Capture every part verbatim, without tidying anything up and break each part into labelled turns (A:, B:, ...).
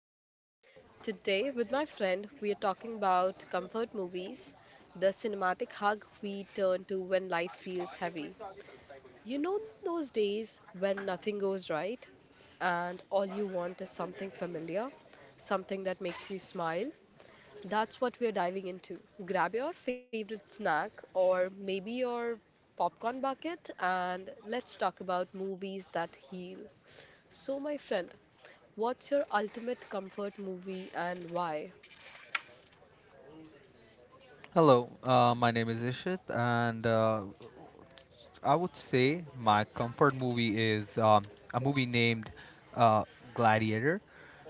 A: day. Today, with my friend, we are talking about comfort movies, the cinematic hug we turn to when life feels heavy. You know those days when nothing goes right and all you want is something familiar, something that makes you smile, that's what we're diving into. Grab your favorite snack or maybe your popcorn bucket and let's talk about movies that heal. So, my friend, what's your ultimate comfort movie and why?
B: Hello, uh, my name is Ishit, and uh, I would say my comfort movie is um, a movie named uh, Gladiator.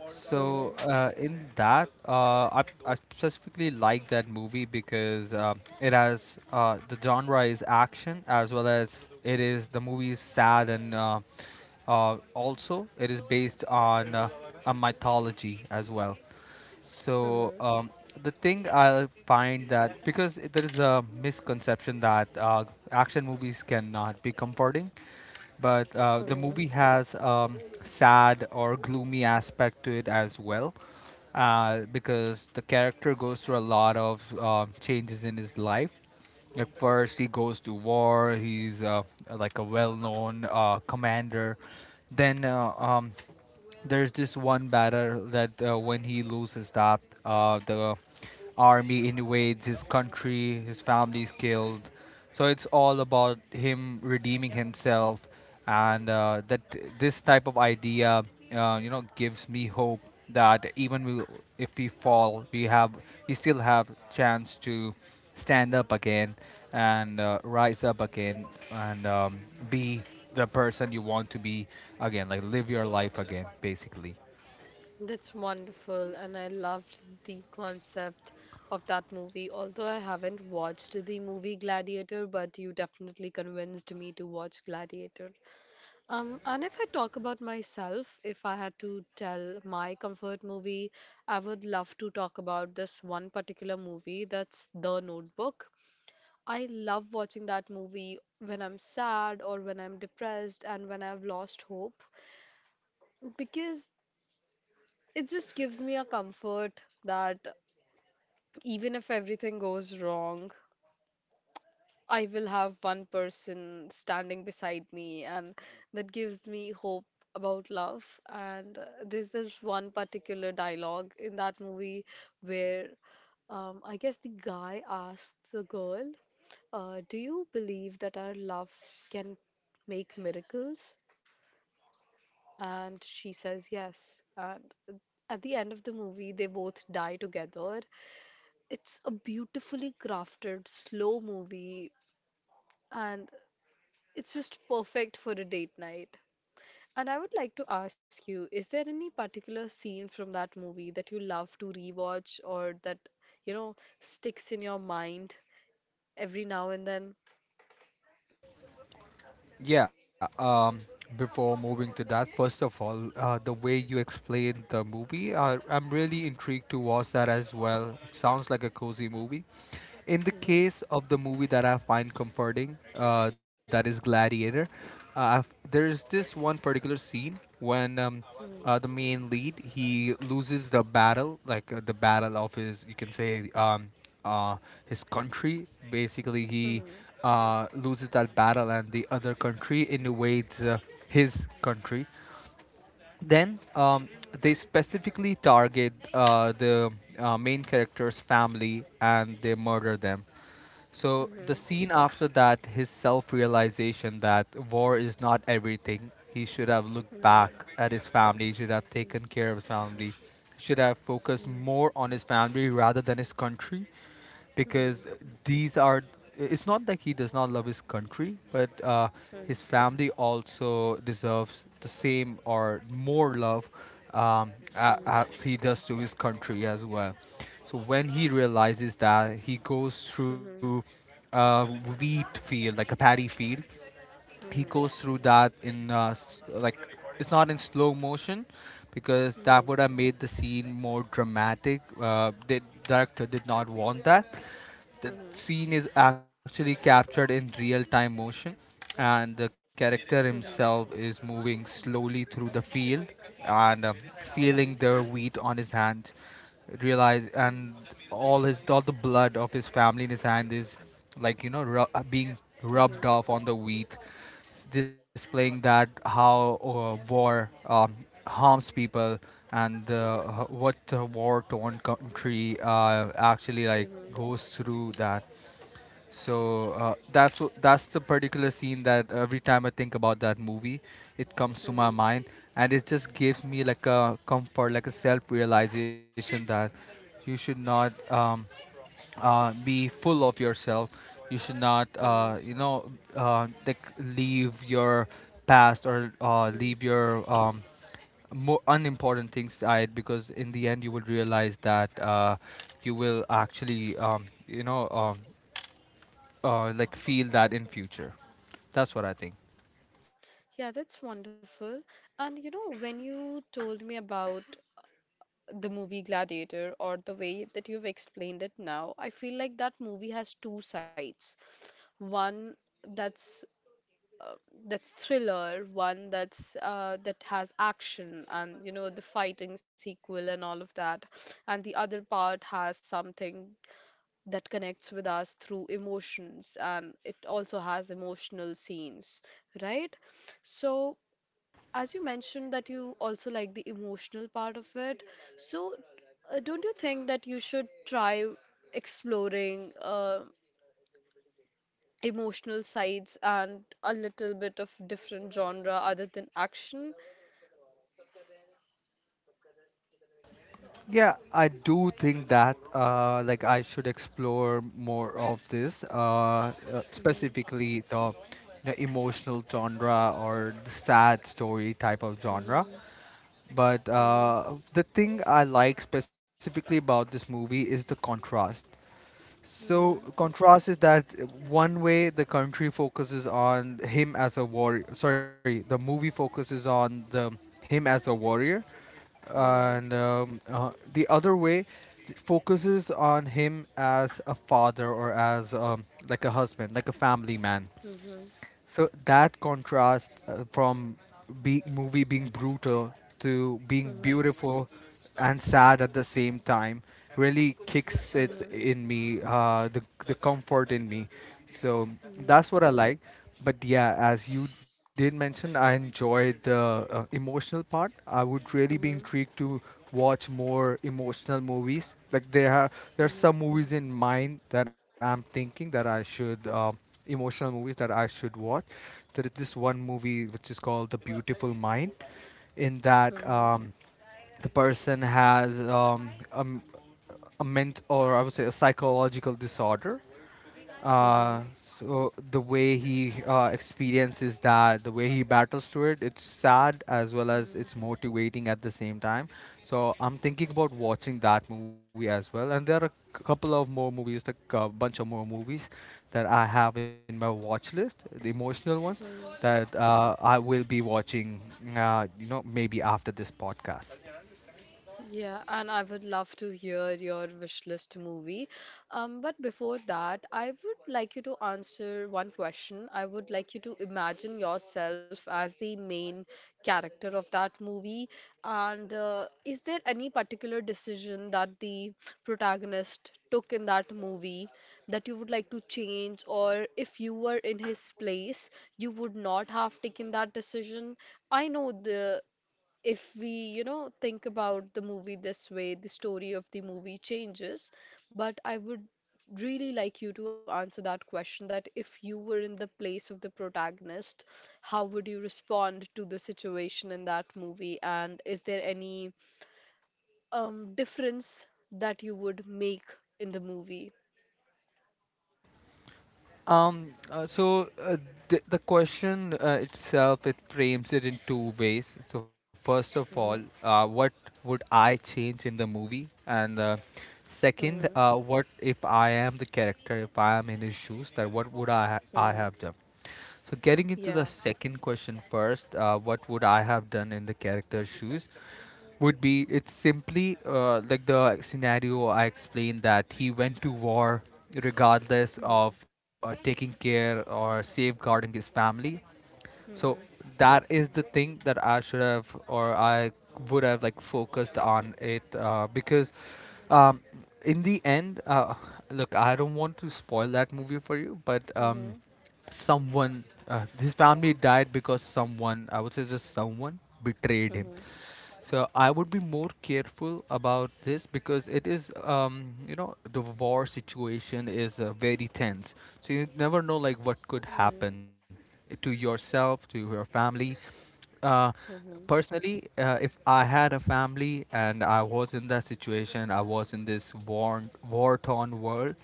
B: So,
A: Hmm.
B: uh, in that, uh, I, I specifically like that movie because um it has uh, the genre is action as well as it is the movie is sad and uh, uh, also it is based on uh, a mythology as well. So
A: Hmm.
B: um, the thing I find that, because there is a misconception that uh, action movies cannot be comforting, but uh, the
A: Hmm.
B: movie has um, sad or gloomy aspect to it as well, uh, because the character goes through a lot of uh, changes in his life. At first, he goes to war. He's uh, like a well-known uh, commander. Then uh, um, there's this one battle that uh, when he loses that, uh, the army invades his country, his family is killed. So it's all about him redeeming himself, and uh, that this type of idea, uh, you know, gives me hope that even we, if we fall, we have we still have chance to stand up again and uh, rise up again and um, be the person you want to be again, like live your life again, basically.
A: That's wonderful, and I loved the concept of that movie. Although I haven't watched the movie Gladiator, but you definitely convinced me to watch Gladiator. Um, and if I talk about myself, if I had to tell my comfort movie, I would love to talk about this one particular movie that's The Notebook. I love watching that movie when I'm sad or when I'm depressed and when I've lost hope because it just gives me a comfort that even if everything goes wrong, I will have one person standing beside me, and that gives me hope about love. And uh, there's this one particular dialogue in that movie where um, I guess the guy asks the girl, uh, Do you believe that our love can make miracles? And she says yes. And at the end of the movie, they both die together. It's a beautifully crafted, slow movie, and it's just perfect for a date night. And I would like to ask you, is there any particular scene from that movie that you love to rewatch or that, you know, sticks in your mind every now and then?
B: Yeah. Um, before moving to that, first of all, uh, the way you explained the movie, uh, I'm really intrigued to watch that as well. It sounds like a cozy movie. In the
A: Mhm,
B: case of the movie that I find comforting, uh, that is Gladiator, uh, I've- there's this one particular scene when um,
A: mhm,
B: uh, the main lead he loses the battle, like uh, the battle of his, you can say, um, uh, his country. Basically, he
A: mhm,
B: uh, loses that battle, and the other country invades uh, his country. Then um, They specifically target uh, the uh, main character's family and they murder them. So the
A: mhm,
B: scene after that, his self-realization that war is not everything. He should have looked
A: mhm,
B: back
A: mhm,
B: at his family. He should have taken care of his family. He should have focused more on his family rather than his country,
A: mhm,
B: because
A: mhm,
B: these are. It's not that he does not love his country, but uh, his family also deserves the same or more love, um, a-
A: mhm, mhm, mhm,
B: as he does to his country as well. So when he realizes that, he goes through
A: mhm,
B: uh, wheat field, like a paddy field. He goes through that in uh, s- like it's not in slow motion because that would have made the scene more dramatic. Uh, the director did not want that, the
A: mhm, mhm,
B: scene is actually captured in real time motion and the character
A: mhm,
B: himself is moving slowly through the field and um, feeling
A: mhm,
B: the wheat on his hand, realize
A: mhm,
B: and
A: mhm,
B: all his all the blood of his family in his hand is, like you know ru- uh, being rubbed off on the wheat, s- displaying that how uh, war um, harms people, and uh, h- what uh, war torn country uh, actually like goes through that. So uh, that's wh- that's the particular scene that every time I think about that movie, it comes to my mind and it just gives me like a comfort, like a self realization that you should not um, uh, be full of yourself. You should not,
A: mhm, mhm, mhm, mhm,
B: uh, you know, uh, like leave your past or uh,
A: mhm.
B: leave your, um, more unimportant things aside because in the end you will realize that uh, you will actually, um, you know, um, uh, like feel that in future. That's what I think.
A: Yeah, that's wonderful. And you know, when you told me about the movie Gladiator or the way that you've explained it now, I feel like that movie has two sides. One that's uh, that's thriller, one that's uh, that has action and you know the fighting sequel and all of that, and the other part has something that connects with us through emotions and it also has emotional scenes, right? So as you mentioned that you also like the emotional part of it, so uh, don't you think that you should try exploring uh, emotional sides and a little bit of different genre other than action?
B: Yeah, I do think that uh, like I should explore more of this, uh, uh,
A: Mhm,
B: specifically the, you know, emotional genre or the sad story type of genre.
A: mhm,
B: But
A: mhm,
B: uh, the thing I like specifically about this movie is the contrast. So
A: mhm,
B: contrast is that one way the country focuses on him as a warrior. Sorry, the movie focuses on the him as a warrior, and
A: mhm,
B: um, uh, the other way th- focuses on him as a father or as, um, like a husband, like a family man.
A: mhm,
B: So that contrast uh, from be- movie being brutal to being
A: mhm, mhm,
B: beautiful and sad at the same time really kicks it
A: mhm,
B: in me, uh, the the comfort in me. So that's
A: mhm,
B: what I like. But yeah, as you did mention, I enjoyed the uh, emotional part. I would really be
A: mhm,
B: intrigued to watch more emotional movies. Like there are there's some
A: mhm,
B: movies in mind that I'm thinking that I should. Uh, emotional movies that I should watch. There is this one movie which is called The Beautiful Mind, in that,
A: mhm,
B: um, the person has, um, a, m- a ment, or I would say, a psychological disorder, uh,
A: mhm,
B: so the way he uh, experiences that, the way he battles through it, it's sad as well as
A: mhm,
B: it's motivating at the same time. So I'm thinking about watching that movie as well. And there are a couple of more movies, like a bunch of more movies that I have in my watch list, the emotional ones
A: mhm.
B: that uh, I will be watching. Uh, you know, maybe after this podcast.
A: Yeah, and I would love to hear your wish list movie. Um, but before that, I would like you to answer one question. I would like you to imagine yourself as the main character of that movie. And uh, is there any particular decision that the protagonist took in that movie that you would like to change? Or if you were in his place, you would not have taken that decision? I know the if we, you know, think about the movie this way, the story of the movie changes. But I would really like you to answer that question that if you were in the place of the protagonist, how would you respond to the situation in that movie? And is there any um, difference that you would make in the movie?
B: Um, uh, so uh, the, the question uh, itself, it frames it in two ways. So first of all, uh,
A: Hmm.
B: what would I change in the movie, and uh, second, uh,
A: Hmm.
B: what if I am the character, if I am in his shoes, that what would I ha- I have
A: Hmm.
B: done? So, getting into the
A: Yeah.
B: second question first, uh, what would I have done in the character's shoes? Would be, it's simply uh, like the scenario I explained, that he went to war regardless of
A: Hmm.
B: uh, taking care or safeguarding his family. So
A: Hmm.
B: that is the thing that I should have or I would have like focused on it, uh, because, um, in the end, uh, look, I don't want to spoil that movie for you, but, um,
A: Hmm.
B: someone, uh, his family died because someone, I would say just someone betrayed him.
A: Hmm. Hmm.
B: So I would be more careful about this because it is, um, you know, the war situation is uh, very tense. So you never know like what could happen
A: Hmm.
B: to yourself, to your family. Uh, Personally, uh, if I had a family and I was in that situation, I was in this war war torn world.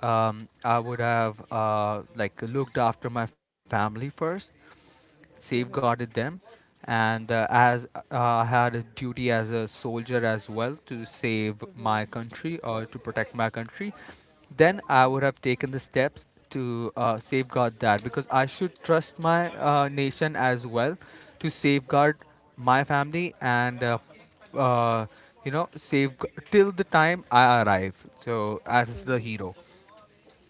B: Um, I would have uh, like looked after my family first, safeguarded
A: Hmm.
B: them. And uh, as uh, I had a duty as a soldier as well to save my country or to protect my country, then I would have
A: Hmm.
B: taken the steps to uh, safeguard that because I should trust my uh, nation as well to safeguard my family and uh, uh, you know save till the time I arrive. So as the
A: Hmm.
B: hero,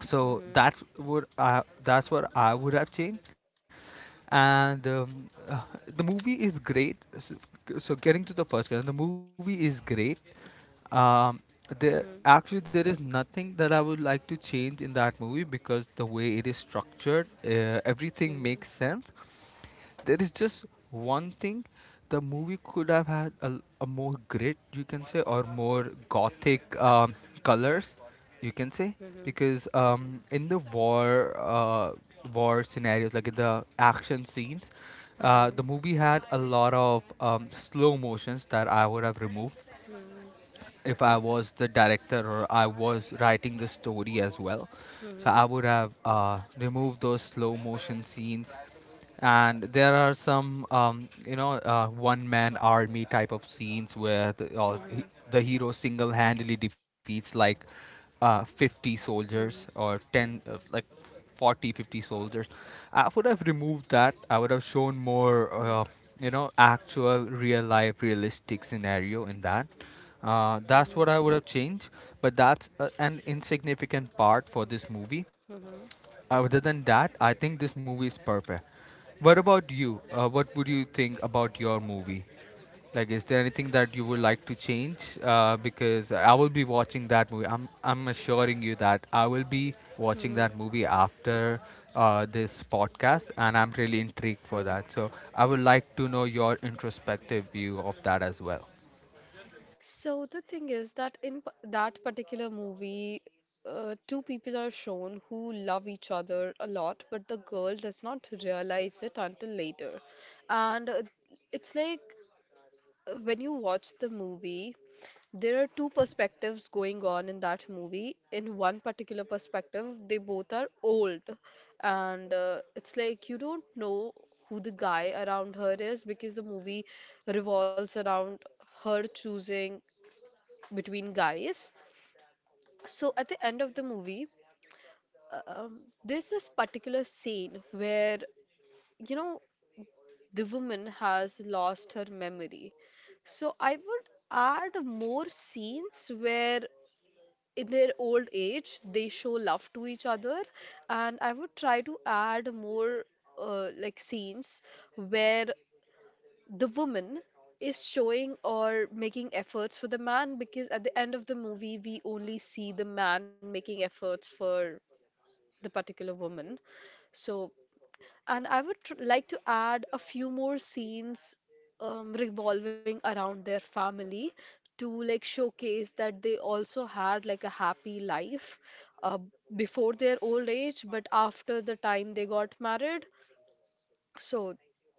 B: so that
A: Hmm.
B: would uh, that's what I would have changed. And um, uh, the movie is great. So, so getting to the first question, the movie is great. Um, there,
A: Mhm.
B: actually, there is nothing that I would like to change in that movie because the way it is structured, uh, everything makes
A: Mhm.
B: sense. There is just one thing: the movie could have had a, a more grit, you can say, or more gothic, um, colors, you can say,
A: Mhm.
B: because, um, in the war uh, war scenarios, like in the action scenes, uh, the
A: Mhm.
B: movie had a lot of, um, slow motions that I would have removed
A: Mhm.
B: if I was the director or I was writing the story as well. So I would
A: Mhm.
B: have uh, removed those slow motion scenes. And there are some, um, you know, uh, one man army type of scenes where the, uh, he-
A: Mhm.
B: the hero single handedly defeats like uh, fifty soldiers
A: Mhm.
B: or
A: Mhm.
B: ten, uh, like Forty, fifty soldiers. I would have removed that. I would have shown more, uh, you know actual real life realistic scenario in that. Uh, that's what
A: Mhm.
B: I would have changed, but that's uh, an insignificant part for this movie.
A: Mhm.
B: Other than that, I think this movie is perfect. What about you? Uh, what would you think about your movie? Like, is there anything that you would like to change? Uh, because I will be watching that movie. I'm I'm assuring you that I will be watching that
A: Mhm.
B: movie after uh, this podcast, and I'm really intrigued for
A: Mhm.
B: that. So I would like to know your introspective view of that as well.
A: So the thing is that in p- that particular movie, uh, two people are shown who love each other a lot, but the girl does not realize it until later. And uh, it's like when you watch the movie, there are two perspectives going on in that movie. In one particular perspective, they both are old, and uh, it's like you don't know who the guy around her is because the movie revolves around her choosing between guys. So at the end of the movie, uh, um, there's this particular scene where you know the woman has lost her memory. So I would add more scenes where in their old age they show love to each other, and I would try to add more uh, like scenes where the woman is showing or making efforts for the man, because at the end of the movie we only see the man making efforts for the particular woman. So, and I would tr- like to add a few more scenes um, revolving around their family, to like showcase that they also had like a happy life uh, before their old age, but after the time they got married. So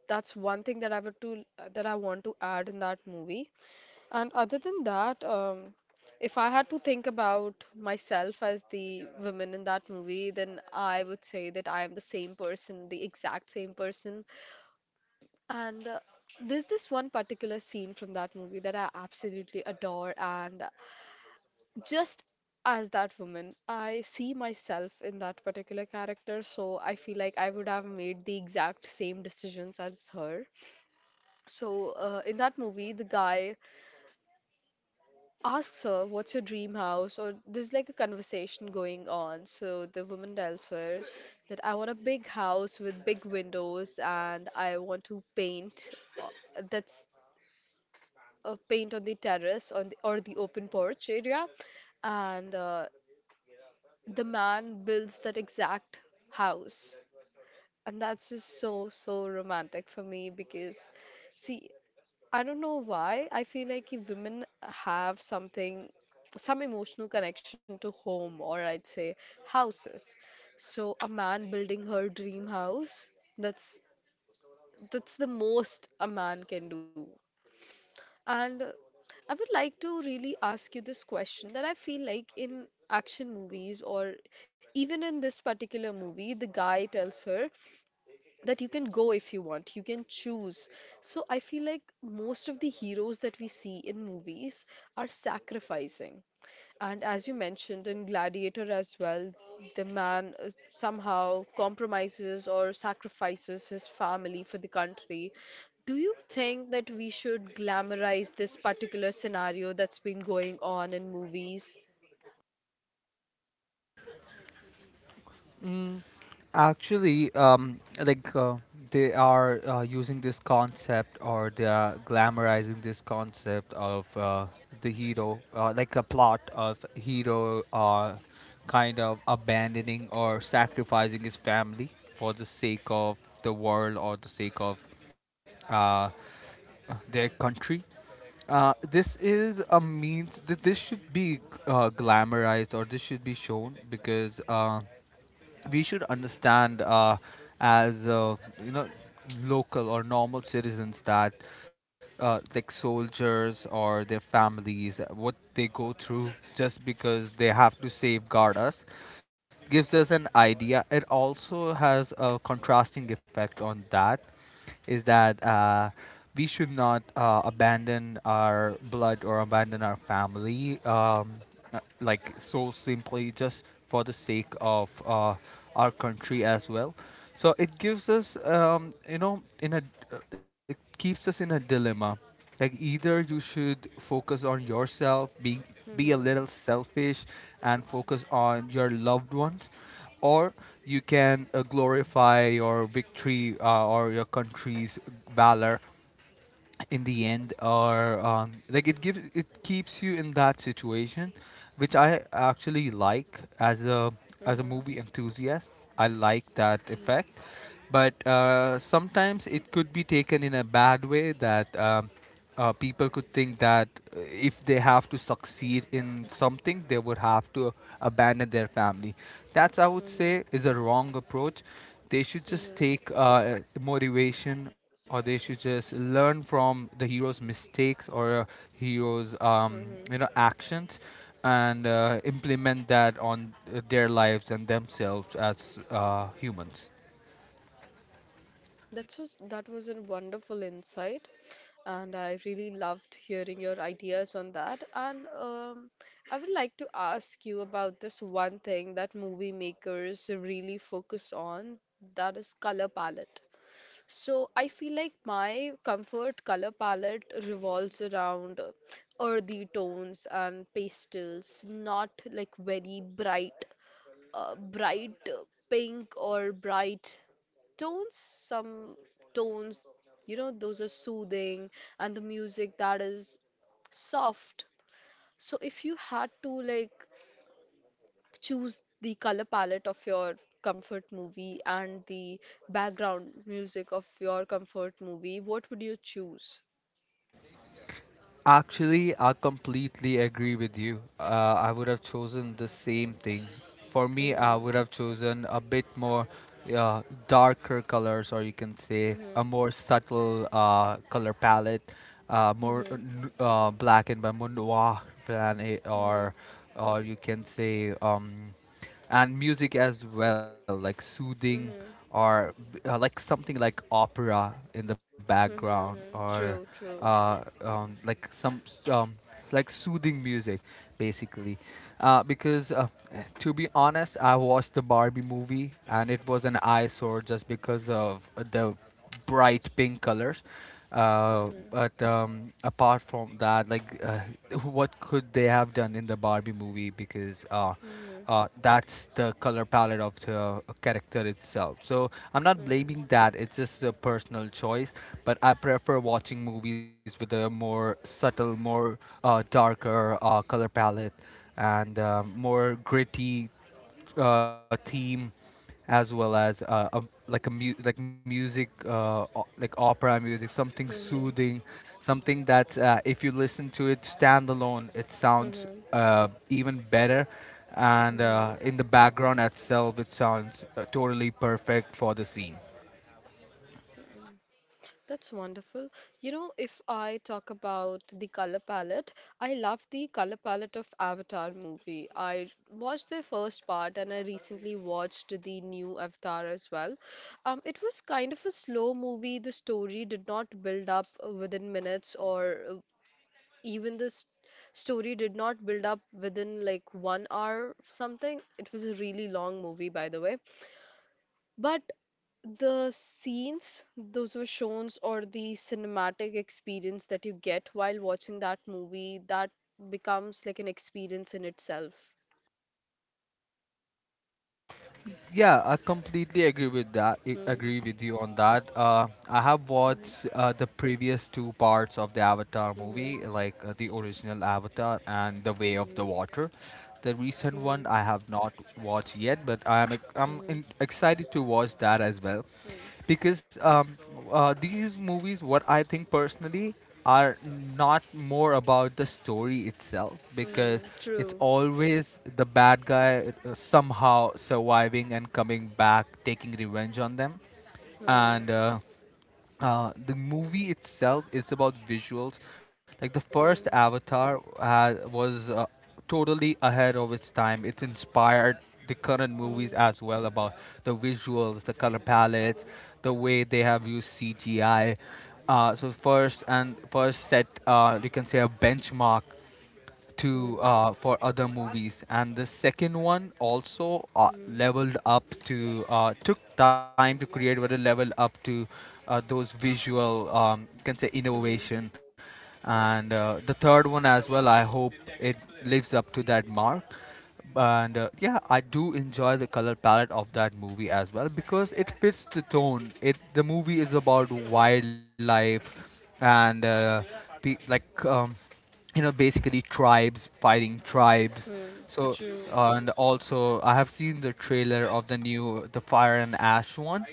A: that's one thing that I would to that I want to add in that movie. And other than that, um, if I had to think about myself as the woman in that movie, then I would say that I am the same person, the exact same person. And uh, there's this one particular scene from that movie that I absolutely adore. And just as that woman, I see myself in that particular character. So I feel like I would have made the exact same decisions as her. So uh, in that movie, the guy ask her, what's your dream house? Or there's like a conversation going on. So the woman tells her that I want a big house with big windows and I want to paint. Uh, That's uh, paint on the terrace on the, or the open porch area. And uh, the man builds that exact house. And that's just so, so romantic for me because, see, I don't know why. I feel like if women have something, some emotional connection to home, or I'd say houses. So a man building her dream house, that's that's the most a man can do. And uh, I would like to really ask you this question that I feel like in action movies or even in this particular movie, the guy tells her that you can go, if you want you can choose. So I feel like most of the heroes that we see in movies are sacrificing, and as you mentioned in Gladiator as well, the man uh, somehow compromises or sacrifices his family for the country. Do you think that we should glamorize this particular scenario that's been going on in movies?
B: Actually, um, like uh, they are uh, using this concept, or they are glamorizing this concept of uh, the hero, uh, like a plot of hero uh, kind of abandoning or sacrificing his family for the sake of the world or the sake of uh, their country. Uh, this is a means that this should be uh, glamorized, or this should be shown because uh, we should understand, uh, as uh, you know local or normal citizens, that uh, like soldiers or their families, what they go through just because they have to safeguard us, gives us an idea. It also has a contrasting effect on that, is that uh, we should not uh, abandon our blood or abandon our family um, uh, like so simply just for the sake of uh, our country as well. So it gives us, um, you know, in a uh, it keeps us in a dilemma. Like either you should focus on yourself, be be a little
A: Hmm.
B: selfish, and focus on your loved ones, or you can uh, glorify your victory uh, or your country's valor in the end are um, like it gives, it keeps you in that situation, which I actually like as a as a
A: Hmm.
B: movie enthusiast. I like that
A: Hmm.
B: effect. But uh, sometimes it could be taken in a bad way, that um, uh, people could think that uh, if they have to succeed in something, they would have to abandon their family. That's, I would
A: Hmm.
B: say, is a wrong approach. They should just
A: Hmm.
B: take uh, motivation, or they should just learn from the hero's mistakes, or uh, hero's um,
A: Hmm.
B: you know, actions, and uh, implement that on uh, their lives and themselves as uh, humans.
A: That was that was a wonderful insight, and I really loved hearing your ideas on that. And um, I would like to ask you about this one thing that movie makers really focus on, that is color palette. So I feel like my comfort color palette revolves around uh, earthy tones and pastels, not like very bright uh, bright uh, pink or bright tones, some tones, you know those are soothing, and the music that is soft. So if you had to like choose the color palette of your comfort movie and the background music of your comfort movie, what would you choose?
B: Actually, I completely agree with you. Uh, I would have chosen the same thing. For me, I would
A: Mhm,
B: have chosen a bit more uh, darker colors, or you can say a
A: mhm,
B: more subtle uh, color palette, uh, more uh,
A: mhm,
B: n- uh, black and white, more noir than it,
A: mhm,
B: or or you can say. Um, and music as well, like soothing,
A: mhm,
B: or uh, like something like opera in the background,
A: mhm, mhm,
B: or
A: true, true,
B: uh, um, like some s- um, like soothing music basically, uh, because uh, to be honest, I watched the Barbie movie and it was an eyesore just because of the bright pink colors. Uh,
A: mhm,
B: but um, apart from that, like, uh, what could they have done in the Barbie movie? Because uh,
A: mhm,
B: uh, that's the color palette of the character itself. So I'm not
A: mhm,
B: blaming that. It's just a personal choice. But I prefer watching movies with a more subtle, more uh, darker uh, color palette, and um more gritty uh, theme, as well as uh, a, like a mu- like music, uh, o- like opera music, something
A: mhm.
B: soothing, something that uh, if you listen to it standalone, it sounds
A: Mm-hmm.
B: uh, even better, and
A: Mm-hmm.
B: uh, in the background itself it sounds uh, totally perfect for the scene.
A: That's wonderful. You know, if I talk about the color palette, I love the color palette of Avatar movie. I watched the first part and I recently watched the new Avatar as well. Um, it was kind of a slow movie. The story did not build up uh, within minutes, or uh, even the s- story did not build up within like one hour something. It was a really long movie, by the way. But the scenes those were shown, or the cinematic experience that you get while watching that movie, that becomes like an experience in itself.
B: Yeah, I completely agree with that. I
A: Hmm.
B: agree with you on that. Uh, I have
A: Hmm.
B: watched uh, the previous two parts of the Avatar movie,
A: Hmm.
B: like uh, the original Avatar and The Way of the
A: Hmm.
B: Water. The recent one
A: Hmm.
B: I have not watched yet, but I am ex- I'm
A: Hmm.
B: in- excited to watch that as well,
A: Hmm.
B: because um, uh, these movies, what I think personally, are not more about the story itself, because
A: Hmm.
B: it's
A: True.
B: always the bad guy uh, somehow surviving and coming back, taking revenge on them.
A: Hmm.
B: And uh, uh, the movie itself is about visuals. Like the first
A: Hmm.
B: Avatar uh, was uh, totally ahead of its time. It's inspired the current movies
A: Hmm.
B: as well about the visuals, the color palettes, the way they have used C G I. Uh, so first and first set, uh, you can say a benchmark to,
A: Mm.
B: uh, for other movies, and the second one also uh,
A: Mm.
B: leveled up to, uh, took time to create, but it leveled up to uh, those visual um, you can say
A: Mhm.
B: innovation, and uh, the third one as well, I hope it lives up to that mark. And uh, yeah, I do enjoy the color palette of that movie as well, because it fits the tone. It the movie is about wildlife and uh, pe- like um, you know, basically tribes fighting tribes.
A: Mm.
B: So
A: True.
B: uh, and also I have seen the trailer of the new the Fire and Ash one,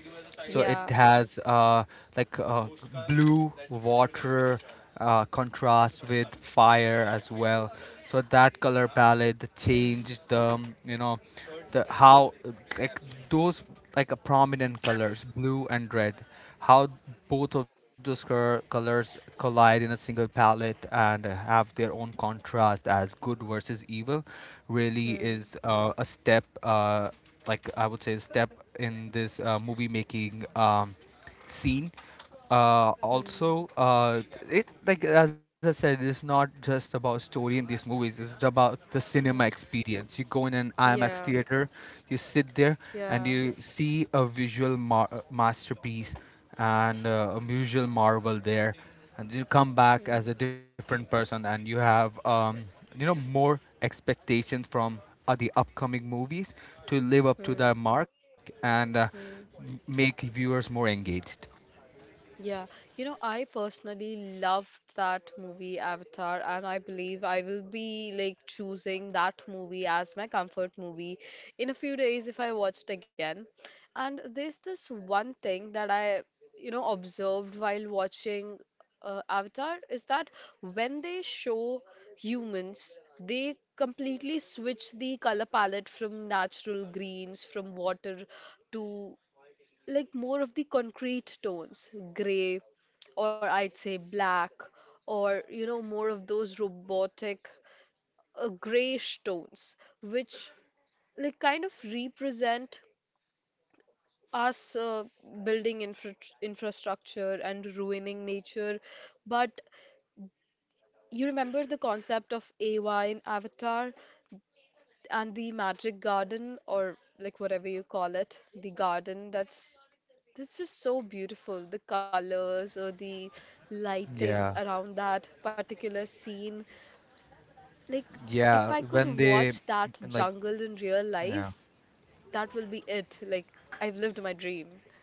B: so it
A: Yeah.
B: has uh like uh, blue water uh, contrast with fire as well. So that color palette, the
A: Mm.
B: change, the um, you know the how uh, like those like a prominent colors, blue and red, how both of those cur- colors collide in a single palette and have their own contrast as good versus evil, really
A: Mm.
B: is uh, a step, uh, like I would say a step in this uh, movie making, um, scene. Uh, also
A: Mm.
B: uh, it, like as I said, it's not just about story in these movies. It's about the cinema
A: Mm.
B: experience. You go in an I max
A: Yeah.
B: theater, you sit there, and you
A: Yeah.
B: see a visual mar- masterpiece, and uh, a visual marvel there, and you come back as a
A: Mm.
B: different person, and you have um, you know more expectations from uh, the upcoming movies to live up to their
A: Mm.
B: mark, and uh, m-
A: Mm.
B: make viewers more engaged.
A: Yeah, you know, I personally loved that movie Avatar, and I believe I will be like choosing that movie as my comfort movie in a few days if I watch it again. And there's this one thing that I, you know, observed while watching uh, Avatar, is that when they show humans, they completely switch the color palette from natural greens, from water, to like more of the concrete tones, gray, or I'd say black, or you know, more of those robotic, uh, grayish tones, which like kind of represent us uh, building infra infrastructure and ruining nature. But you remember the concept of A Y in Avatar? And the magic garden or like whatever you call it, the garden that's that's just so beautiful. The colors or the lightings
B: Yeah.
A: around that particular scene. Like if
B: Yeah,
A: I could
B: when they
A: watch that
B: like
A: jungle in real
B: yeah.
A: life, that will be it. Like I've lived my dream.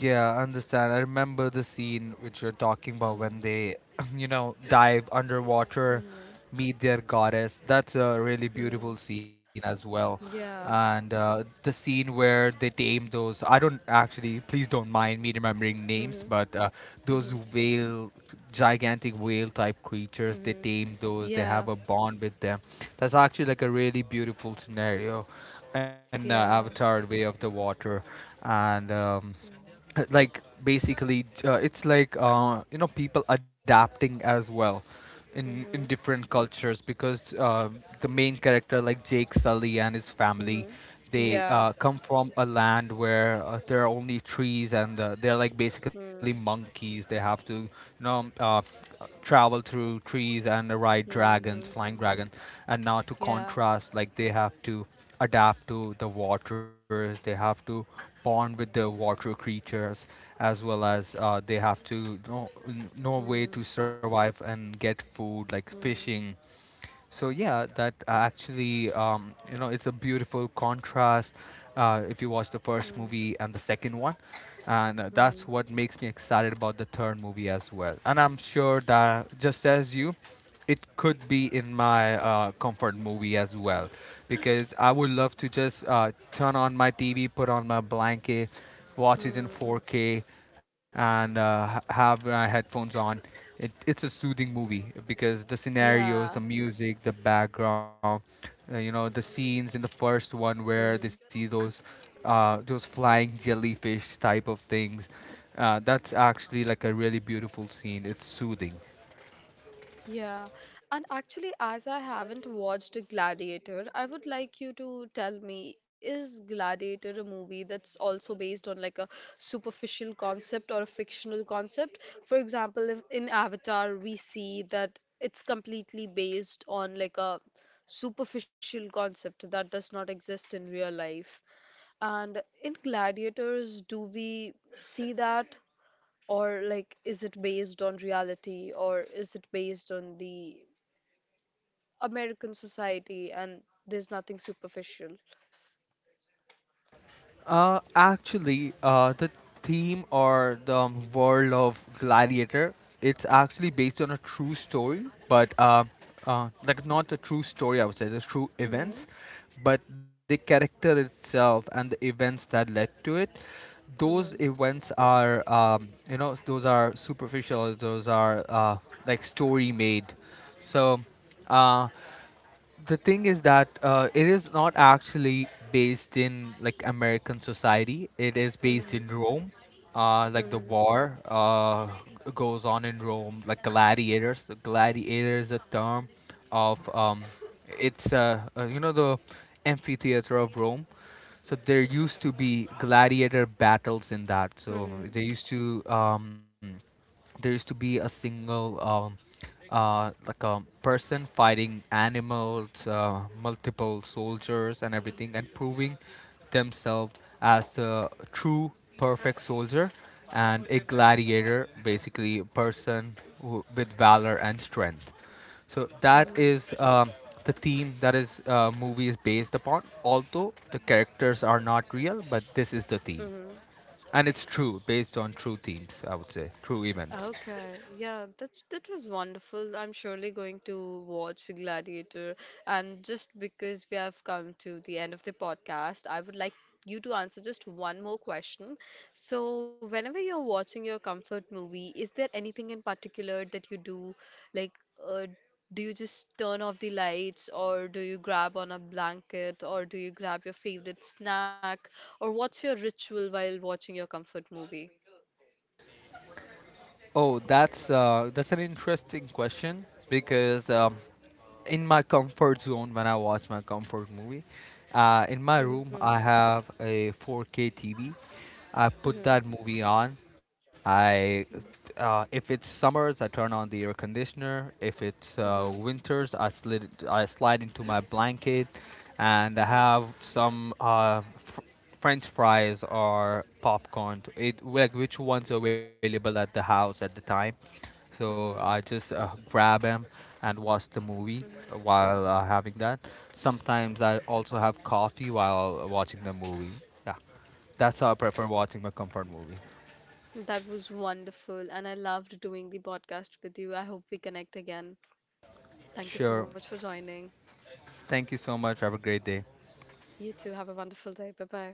B: Yeah, I understand. I remember the scene which you're talking about, when
A: Mm,
B: they, you know, dive underwater,
A: mm,
B: meet their goddess. That's a really beautiful
A: mm,
B: scene as well.
A: yeah.
B: And uh, the scene where they tame those, I don't actually, please don't mind me remembering names,
A: Mm-hmm,
B: but uh,
A: mm-hmm,
B: those whale, gigantic whale type creatures, they
A: mm-hmm.
B: tame those, they have a
A: Yeah,
B: bond with them. That's actually like a really beautiful scenario in uh,
A: yeah.
B: Avatar Way of the Water. And, um,
A: Mm-hmm,
B: like basically uh, it's like uh, you know, people adapting as well in
A: mm-hmm.
B: in different cultures, because uh, the main character, like Jake Sully and his family,
A: Mm-hmm.
B: they
A: Yeah.
B: uh, come from a land where uh, there are only trees, and uh, they're like basically
A: Mm.
B: monkeys, they have to you know uh, travel through trees and ride dragons,
A: Mm-hmm.
B: flying dragons, and now to
A: Yeah.
B: contrast, like they have to adapt to the waters. They have to bond with the water creatures, as well as uh, they have to know, know a
A: Mm-hmm.
B: way to survive and get food, like fishing. So yeah, that uh, actually, um, you know, it's a beautiful contrast. Uh, if you watch the
A: Mm-hmm.
B: first movie and the second one, and uh,
A: Mm-hmm.
B: that's what makes me excited about the third movie as well. And I'm sure that just as you, it could be in my uh, comfort movie as well, because I would love to just uh, turn on my T V, put on my blanket, watch it in four K, and uh, ha- have my headphones on. It, it's a soothing movie because the scenarios, the
A: Yeah.
B: music, the background, uh, you know, the scenes in the first one where they
A: Mm-hmm.
B: see those uh, those flying jellyfish type of things. Uh, that's actually like a really beautiful scene. It's soothing.
A: Yeah, and actually, as I haven't watched Gladiator, I would like you to tell me, is Gladiator a movie that's also based on like a superficial concept or a fictional concept? For example, if in Avatar we see that it's completely based on like a superficial concept that does not exist in real life. And in Gladiators, do we see that? Or like, is it based on reality or is it based on the American society, and there's nothing superficial?
B: Uh, actually, uh, the theme or the um, world of Gladiator, it's actually based on a true story, but uh, uh, like not a true story, I would say, the true
A: Mm-hmm.
B: events, but the character itself and the events that led to it. Those
A: Mm-hmm.
B: events are, um, you know, those are superficial. Those are uh, like story made. So, uh, the thing is that uh, it is not actually based in like American society. It is based in
A: Mm-hmm.
B: Rome. Uh, like the
A: Mm-hmm.
B: war uh, g- goes on in Rome, like gladiators. The gladiator is a term of um, it's uh, uh, you know the amphitheater of Rome. So there used to be gladiator battles in that. So
A: Mm-hmm.
B: they used to um, there used to be a single um, uh, like a person fighting animals, uh, multiple soldiers, and everything, and proving themselves as a true perfect soldier and a gladiator, basically a person who, with valor and strength. So that is um, the theme that is, uh, movie is based upon. Although the characters are not real, but this is the theme,
A: Mm-hmm.
B: and it's true, based on true themes. I would say true events.
A: Okay, yeah, that's that was wonderful. I'm surely going to watch Gladiator. And just because we have come to the end of the podcast, I would like you to answer just one more question. So, whenever you're watching your comfort movie, is there anything in particular that you do? Like, uh, do you just turn off the lights, or do you grab on a blanket, or do you grab your favorite snack, or what's your ritual while watching your comfort movie?
B: Oh, that's uh, that's an interesting question, because um, in my comfort zone, when I watch my comfort movie, uh, in my room
A: Mm-hmm.
B: I have a four K T V. I put
A: Mm-hmm.
B: that movie on. I
A: Mm-hmm.
B: uh, if it's summers, I turn on the air conditioner. If it's
A: Mhm,
B: uh, winters, I slid I slide into my blanket, and I
A: mhm,
B: have some uh, f- French fries or popcorn, to- it like which one's available at the house at the time.
A: mhm,
B: So I just uh, grab them and watch the movie
A: mhm.
B: while uh, having that. Sometimes I also have coffee while watching the movie. Yeah, that's how I prefer watching my comfort movie.
A: That was wonderful, and I loved doing the podcast with you. I hope we connect again. Thank you so much
B: Sure.
A: for joining.
B: Thank you so much. Have a great day.
A: You too. Have a wonderful day. Bye bye.